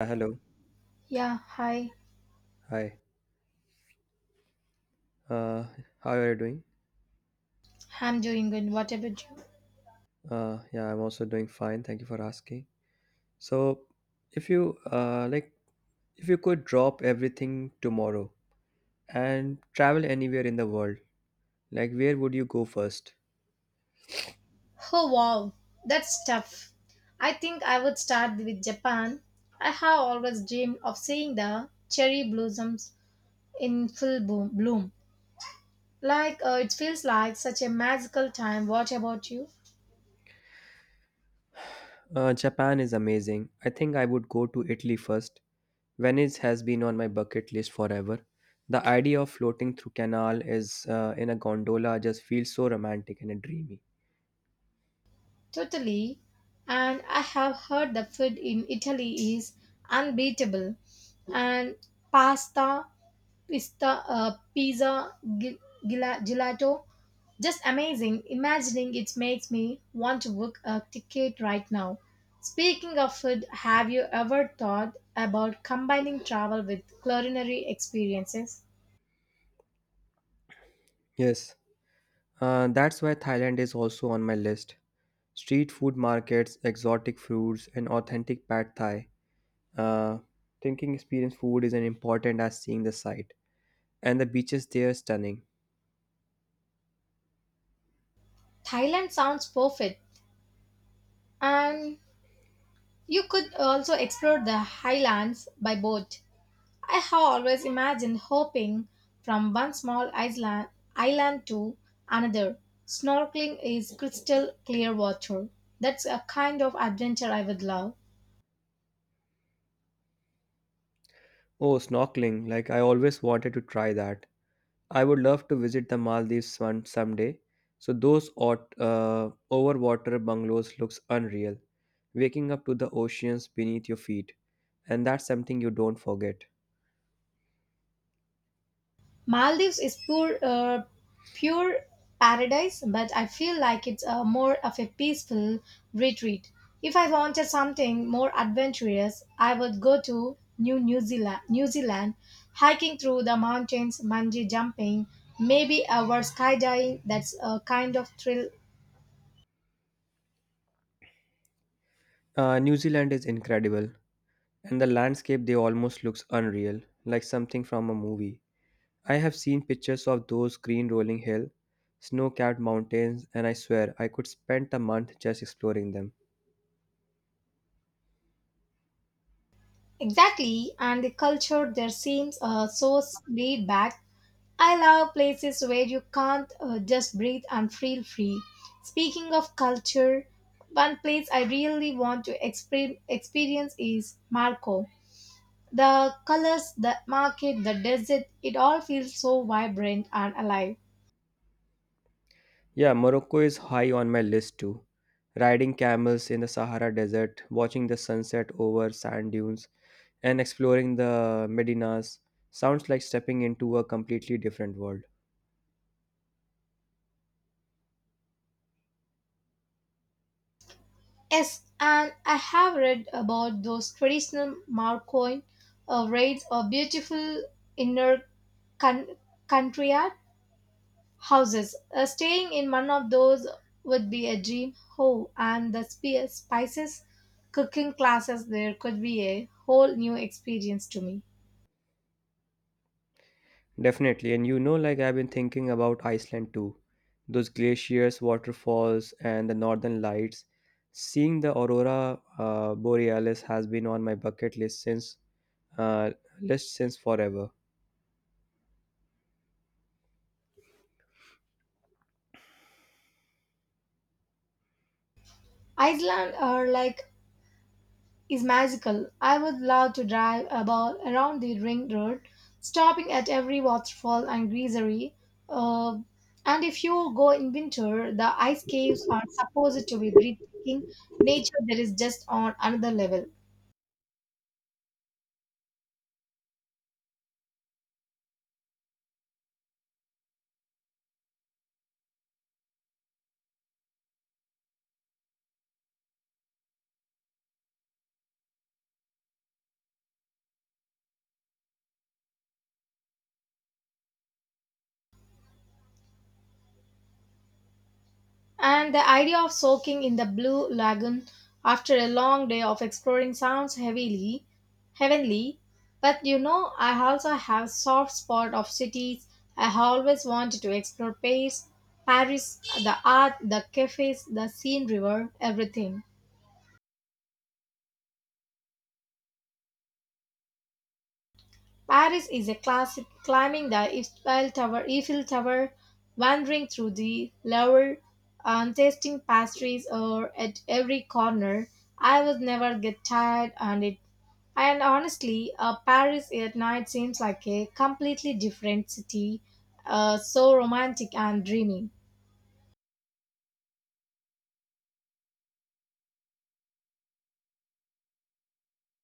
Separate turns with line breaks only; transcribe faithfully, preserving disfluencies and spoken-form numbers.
Uh, Hello.
Yeah, hi.
Hi. Uh, how are you doing?
I'm doing good. What about you?
Uh, yeah, I'm also doing fine. Thank you for asking. So, if you uh, like, if you could drop everything tomorrow and travel anywhere in the world, like where would you go first?
Oh wow, that's tough. I think I would start with Japan. I have always dreamed of seeing the cherry blossoms in full boom, bloom. Like uh, it feels like such a magical time. What about you?
Uh, Japan is amazing. I think I would go to Italy first. Venice has been on my bucket list forever. The idea of floating through canal is uh, in a gondola just feels so romantic and dreamy.
Totally. And I have heard the food in Italy is unbeatable. And pasta, pista, uh, pizza, gi- gila- gelato, just amazing. Imagining it makes me want to book a ticket right now. Speaking of food, have you ever thought about combining travel with culinary experiences?
Yes, uh, that's why Thailand is also on my list. Street food markets, exotic fruits, and authentic pad thai. Uh, Thinking experience food is as important as seeing the sight. And the beaches there are stunning.
Thailand sounds perfect, and you could also explore the highlands by boat. I have always imagined hopping from one small island, island to another. Snorkeling is crystal clear water. That's a kind of adventure I would love.
Oh, snorkeling. Like, I always wanted to try that. I would love to visit the Maldives one someday. So, those ot- uh, overwater bungalows looks unreal. Waking up to the oceans beneath your feet. And that's something you don't forget.
Maldives is pure, uh, pure paradise, but I feel like it's uh, more of a peaceful retreat. If I wanted something more adventurous, I would go to New New Zealand, New Zealand, hiking through the mountains, bungee jumping, maybe a word skydiving. That's a kind of thrill.
Uh, New Zealand is incredible. And the landscape they almost looks unreal, like something from a movie. I have seen pictures of those green rolling hills, snow capped mountains, and I swear I could spend a month just exploring them.
Exactly, and the culture there seems uh, so laid back. I love places where you can't uh, just breathe and feel free. Speaking of culture, one place I really want to exper- experience is Marco. The colors, the market, the desert, it all feels so vibrant and alive.
Yeah, Morocco is high on my list too. Riding camels in the Sahara Desert, watching the sunset over sand dunes, and exploring the Medinas sounds like stepping into a completely different world.
Yes, and I have read about those traditional Marcoin uh, raids or beautiful inner con- country art. Houses. Uh, staying in one of those would be a dream. Oh, and the spe- spices cooking classes there could be a whole new experience to me.
Definitely. And you know, like I've been thinking about Iceland too. Those glaciers, waterfalls, and the northern lights. Seeing the aurora uh, borealis has been on my bucket list since uh, list since forever.
Iceland are like is magical. I would love to drive about around the ring road, stopping at every waterfall and geysery. Uh, and if you go in winter, the ice caves are supposed to be breathtaking. Nature there is just on another level. And the idea of soaking in the blue lagoon after a long day of exploring sounds heavily heavenly. But you know, I also have soft spot of cities. I have always wanted to explore Paris, Paris, the art, the cafes, the Seine River, everything. Paris is a classic, climbing the Eiffel Tower, Eiffel Tower, wandering through the Louvre, and tasting pastries or at every corner. I would never get tired and it and honestly, uh, Paris at night seems like a completely different city, uh, so romantic and dreamy.